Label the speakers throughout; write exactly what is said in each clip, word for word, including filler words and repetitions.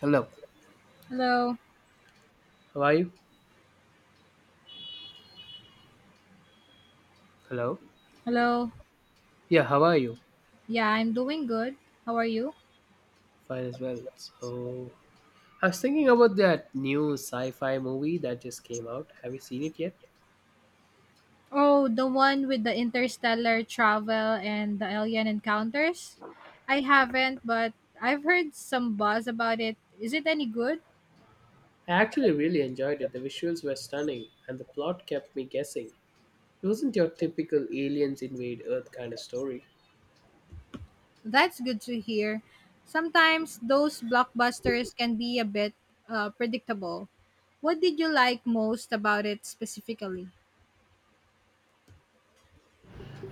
Speaker 1: Hello.
Speaker 2: Hello.
Speaker 1: How are you? Hello.
Speaker 2: Hello.
Speaker 1: Yeah, how are you?
Speaker 2: Yeah, I'm doing good. How are you?
Speaker 1: Fine as well. So, I was thinking about that new sci fi movie that just came out. Have you seen it yet?
Speaker 2: Oh, the one with the interstellar travel and the alien encounters? I haven't, but I've heard some buzz about it. Is it any good?
Speaker 1: I actually really enjoyed it. The visuals were stunning, and the plot kept me guessing. It wasn't your typical aliens invade Earth kind of story.
Speaker 2: That's good to hear. Sometimes those blockbusters can be a bit uh, predictable. What did you like most about it specifically?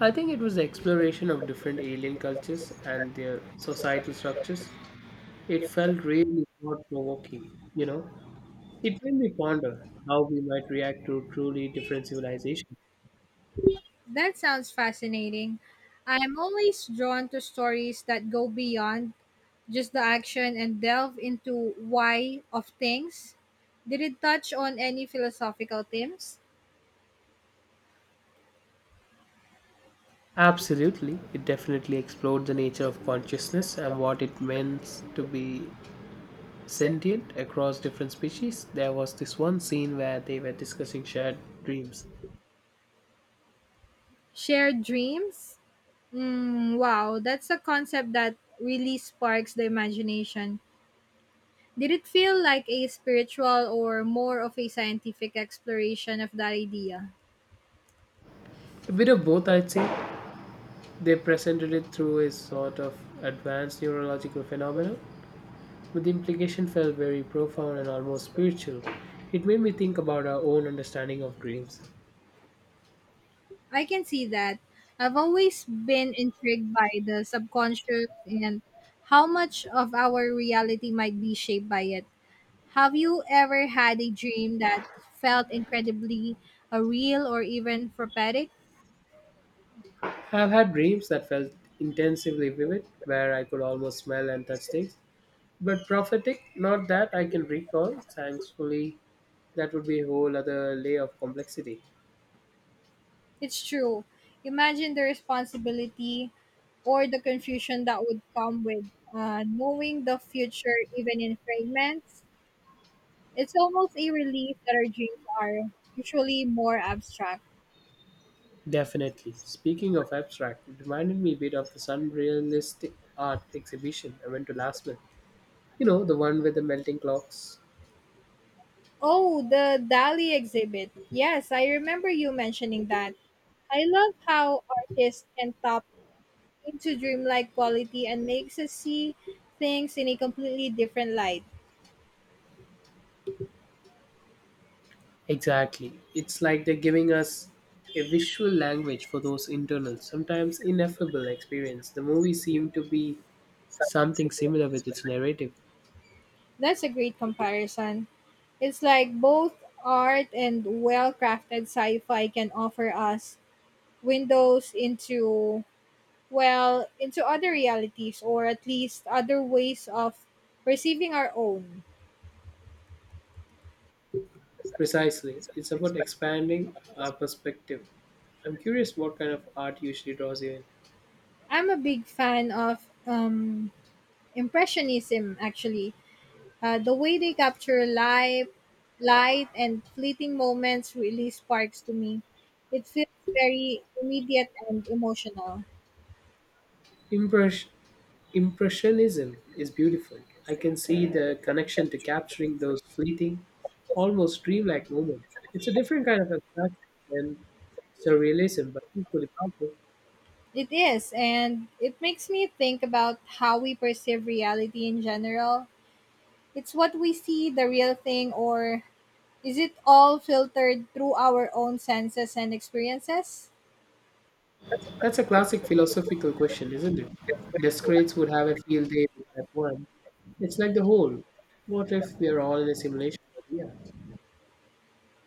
Speaker 1: I think it was the exploration of different alien cultures and their societal structures. It felt really thought provoking, you know? It made me ponder how we might react to truly different civilizations.
Speaker 2: That sounds fascinating. I'm always drawn to stories that go beyond just the action and delve into why of things. Did it touch on any philosophical themes?
Speaker 1: Absolutely, it definitely explored the nature of consciousness and what it means to be sentient across different species. There was this one scene where they were discussing shared dreams.
Speaker 2: Shared dreams? Mm, wow, that's a concept that really sparks the imagination. Did it feel like a spiritual or more of a scientific exploration of that idea?
Speaker 1: A bit of both, I'd say. They presented it through a sort of advanced neurological phenomenon, but the implication felt very profound and almost spiritual. It made me think about our own understanding of dreams.
Speaker 2: I can see that. I've always been intrigued by the subconscious and how much of our reality might be shaped by it. Have you ever had a dream that felt incredibly uh, real or even prophetic?
Speaker 1: I've had dreams that felt intensively vivid, where I could almost smell and touch things. But prophetic, not that I can recall. Thankfully, that would be a whole other layer of complexity.
Speaker 2: It's true. Imagine the responsibility or the confusion that would come with uh, knowing the future, even in fragments. It's almost a relief that our dreams are usually more abstract.
Speaker 1: Definitely. Speaking of abstract, it reminded me a bit of the surrealistic art exhibition I went to last month. You know, the one with the melting clocks.
Speaker 2: Oh, the Dali exhibit. Yes, I remember you mentioning that. I love how artists can top into dreamlike quality and makes us see things in a completely different light.
Speaker 1: Exactly. It's like they're giving us a visual language for those internal, sometimes ineffable experience. The movie seemed to be something similar with its narrative.
Speaker 2: That's a great comparison. It's like both art and well crafted sci fi can offer us windows into, well, into other realities or at least other ways of perceiving our own.
Speaker 1: Precisely, it's about expanding our perspective. I'm curious what kind of art usually draws you in.
Speaker 2: I'm a big fan of um, Impressionism, actually. Uh, the way they capture life, light, and fleeting moments really sparks to me. It feels very immediate and emotional.
Speaker 1: Impress- Impressionism is beautiful. I can see the connection to capturing those fleeting, almost dreamlike moments. It's a different kind of abstraction than surrealism, but equally powerful.
Speaker 2: It is, and it makes me think about how we perceive reality in general. It's what we see, the real thing, or is it all filtered through our own senses and experiences?
Speaker 1: That's a classic philosophical question, isn't it? Descartes would have a field day with that one. It's like the whole. What if we are all in a simulation idea?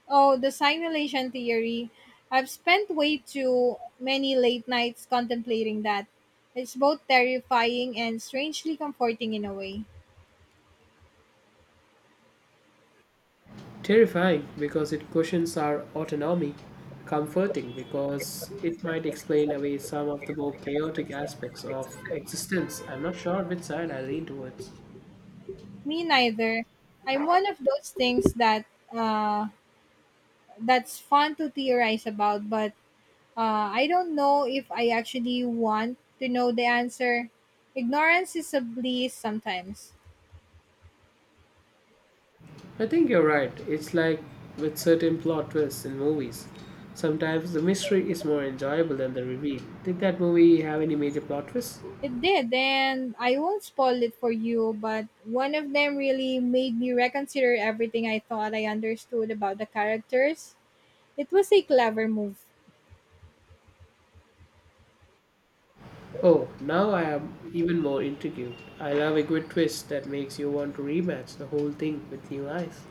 Speaker 2: Oh, the simulation theory. I've spent way too many late nights contemplating that. It's both terrifying and strangely comforting in a way.
Speaker 1: Terrifying because it questions our autonomy, comforting because it might explain away some of the more chaotic aspects of existence. I'm not sure which side I lean towards.
Speaker 2: Me neither. I'm one of those things that uh, that's fun to theorize about, but uh, I don't know if I actually want to know the answer. Ignorance is a bliss sometimes.
Speaker 1: I think you're right. It's like with certain plot twists in movies. Sometimes the mystery is more enjoyable than the reveal. Did that movie have any major plot twists?
Speaker 2: It did, and I won't spoil it for you, but one of them really made me reconsider everything I thought I understood about the characters. It was a clever move.
Speaker 1: Oh, now I am even more intrigued. I love a good twist that makes you want to rematch the whole thing with new eyes.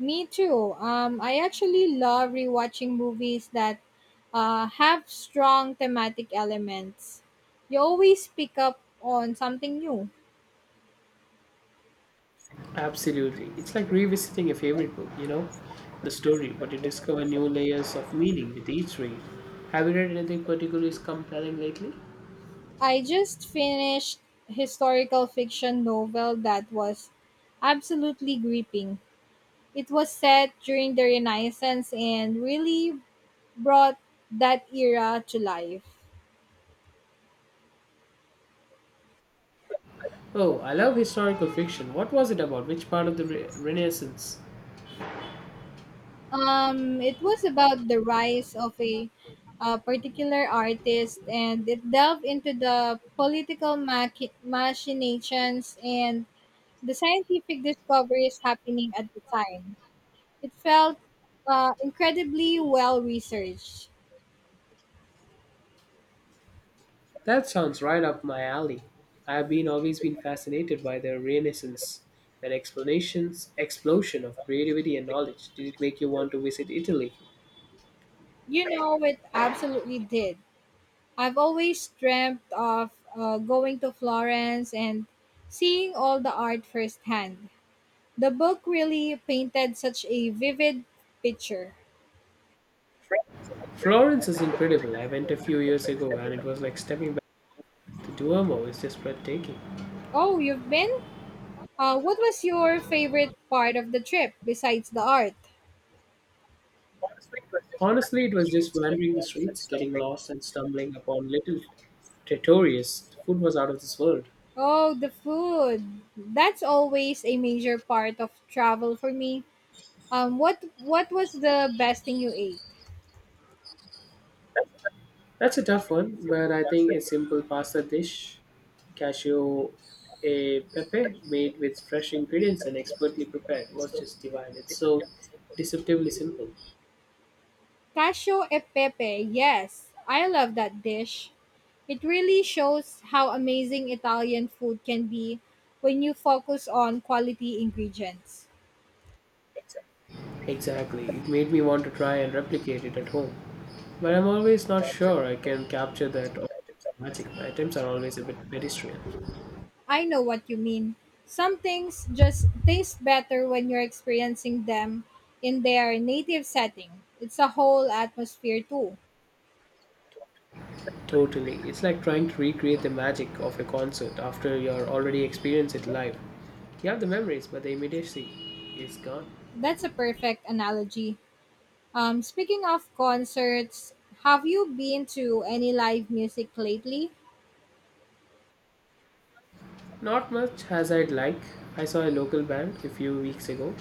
Speaker 2: Me too. Um, I actually love rewatching movies that uh, have strong thematic elements. You always pick up on something new.
Speaker 1: Absolutely. It's like revisiting a favorite book, you know, the story, but you discover new layers of meaning with each read. Have you read anything particularly compelling lately?
Speaker 2: I just finished historical fiction novel that was absolutely gripping. It was set during the Renaissance and really brought that era to life.
Speaker 1: Oh, I love historical fiction. What was it about? Which part of the re- Renaissance?
Speaker 2: Um, it was about the rise of a, uh particular artist, and it delved into the political machi- machinations and the scientific discoveries happening at the time. It felt uh, incredibly well researched.
Speaker 1: That sounds right up my alley. I have been always been fascinated by the Renaissance, that explanations explosion of creativity and knowledge. Did it make you want to visit Italy?
Speaker 2: You know, it absolutely did. I've always dreamt of uh, going to Florence and seeing all the art firsthand. The book really painted such a vivid picture.
Speaker 1: Florence is incredible. I went a few years ago and it was like stepping back. The Duomo is just breathtaking.
Speaker 2: Oh, you've been? Uh, what was your favorite part of the trip besides the art?
Speaker 1: Honestly, it was just wandering the streets, getting lost, and stumbling upon little trattorias. The food was out of this world.
Speaker 2: Oh, the food. That's always a major part of travel for me. Um, what what was the best thing you ate?
Speaker 1: That's a tough one, but I think a simple pasta dish, cashew e pepe, made with fresh ingredients and expertly prepared, was just divine. It's so deceptively simple.
Speaker 2: Casio e pepe, yes, I love that dish. It really shows how amazing Italian food can be when you focus on quality ingredients.
Speaker 1: Exactly. It made me want to try and replicate it at home. But I'm always not sure I can capture that magic. My attempts are always a bit pedestrian.
Speaker 2: I know what you mean. Some things just taste better when you're experiencing them in their native setting. It's a whole atmosphere, too.
Speaker 1: Totally. It's like trying to recreate the magic of a concert after you're already experienced it live. You have the memories, but the immediacy is gone.
Speaker 2: That's a perfect analogy. Um, speaking of concerts, have you been to any live music lately?
Speaker 1: Not much as I'd like. I saw a local band a few weeks ago,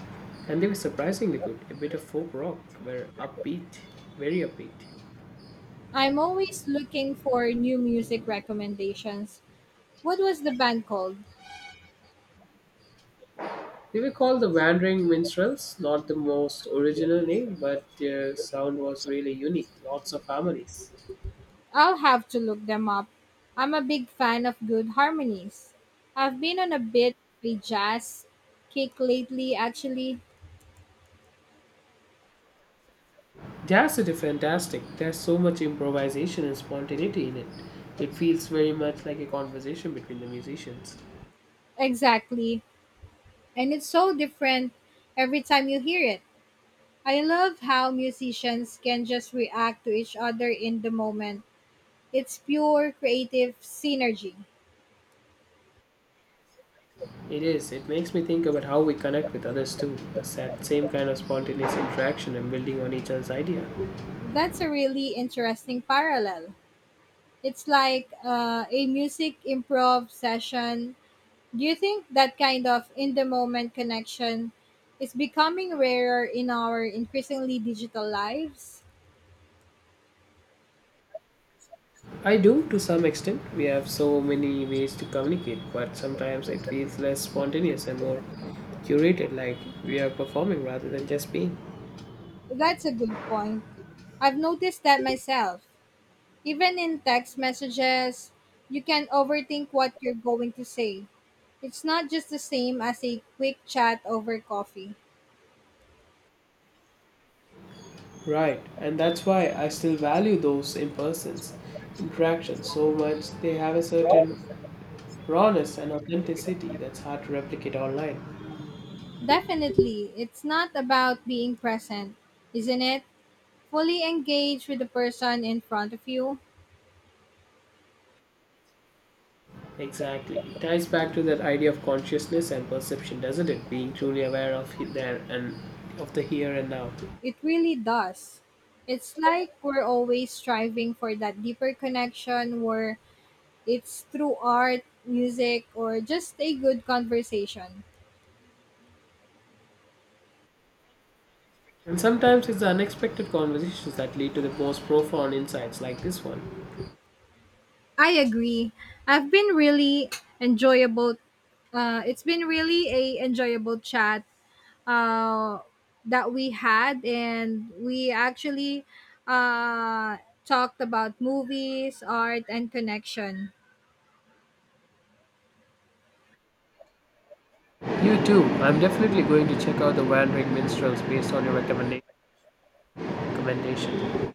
Speaker 1: and they were surprisingly good. A bit of folk rock, were upbeat, very upbeat.
Speaker 2: I'm always looking for new music recommendations. What was the band called?
Speaker 1: They were called the Wandering Minstrels. Not the most original name, but their sound was really unique. Lots of harmonies.
Speaker 2: I'll have to look them up. I'm a big fan of good harmonies. I've been on a bit of a jazz kick lately, actually.
Speaker 1: That's a fantastic. There's so much improvisation and spontaneity in it. It feels very much like a conversation between the musicians.
Speaker 2: Exactly. And it's so different every time you hear it. I love how musicians can just react to each other in the moment. It's pure creative synergy.
Speaker 1: It is. It makes me think about how we connect with others too. The sa- same kind of spontaneous interaction and building on each other's idea.
Speaker 2: That's a really interesting parallel. It's like uh, a music improv session. Do you think that kind of in the moment connection is becoming rarer in our increasingly digital lives?
Speaker 1: I do to some extent. We have so many ways to communicate, but sometimes it feels less spontaneous and more curated, like we are performing rather than just being.
Speaker 2: That's a good point. I've noticed that myself. Even in text messages, you can overthink what you're going to say. It's not just the same as a quick chat over coffee.
Speaker 1: Right, and that's why I still value those in persons interactions so much. They have a certain rawness and authenticity that's hard to replicate online.
Speaker 2: Definitely, it's not about being present, isn't it? Fully engage with the person in front of you,
Speaker 1: Exactly. It ties back to that idea of consciousness and perception, doesn't it? Being truly aware of he- there and of the here and now.
Speaker 2: it really does. It's like we're always striving for that deeper connection where it's through art, music, or just a good conversation.
Speaker 1: And sometimes it's the unexpected conversations that lead to the most profound insights like this one.
Speaker 2: I agree. I've been really enjoyable. Uh, it's been really a enjoyable chat uh, that we had, and we actually uh, talked about movies, art, and connection.
Speaker 1: You too. I'm definitely going to check out the Wandering Minstrels based on your recommenda- recommendation.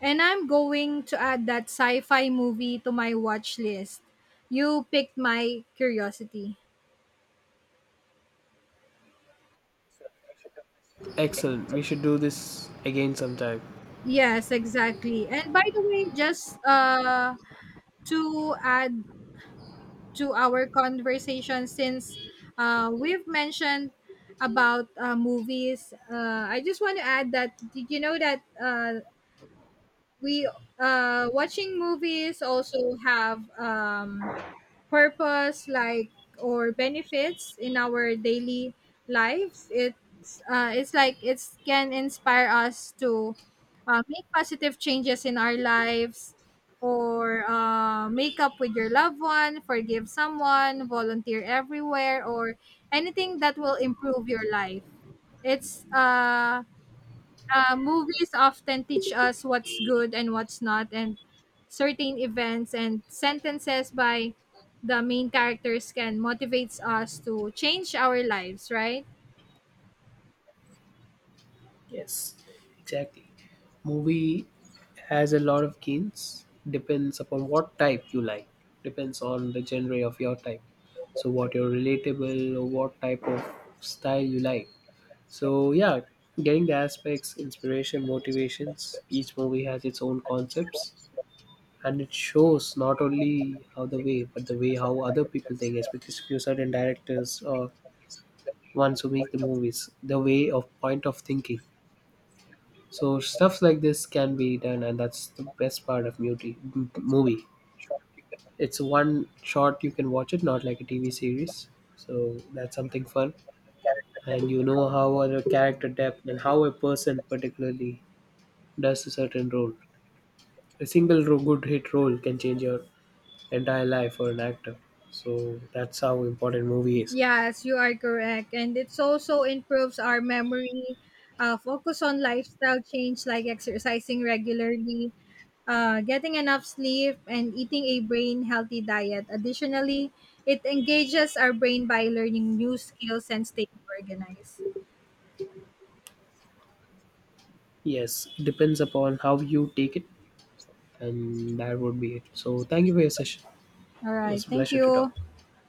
Speaker 2: And I'm going to add that sci fi movie to my watch list. You picked my curiosity.
Speaker 1: Excellent. We should do this again sometime.
Speaker 2: Yes, exactly. And by the way, just uh, to add to our conversation, since uh, we've mentioned about uh, movies, uh, I just want to add that did you know that uh, we uh, watching movies also have um, purpose like or benefits in our daily lives. It's uh, it's like it can inspire us to uh, make positive changes in our lives or uh, make up with your loved one, forgive someone, volunteer everywhere, or anything that will improve your life. It's uh uh, movies often teach us what's good and what's not, and certain events and sentences by the main characters can motivates us to change our lives, right?
Speaker 1: Yes, exactly. Movie has a lot of gains. Depends upon what type you like. Depends on the genre of your type. So what you're relatable or what type of style you like. So yeah, getting the aspects, inspiration, motivations. Each movie has its own concepts. And it shows not only how the way, but the way how other people think, especially certain directors or ones who make the movies, the way of point of thinking. So stuff like this can be done, and that's the best part of beauty m- movie. It's one shot you can watch it, not like a T V series. So that's something fun, and you know how other character depth and how a person particularly does a certain role. A single ro- good hit role can change your entire life for an actor. So that's how important movie is.
Speaker 2: Yes, you are correct. And it's also improves our memory, uh, focus on lifestyle change like exercising regularly, uh, getting enough sleep, and eating a brain healthy diet. Additionally, it engages our brain by learning new skills and staying organized.
Speaker 1: Yes, it depends upon how you take it. And that would be it. So thank you for your session.
Speaker 2: All
Speaker 1: It
Speaker 2: right.
Speaker 1: was a
Speaker 2: Thank
Speaker 1: pleasure to talk.
Speaker 2: you.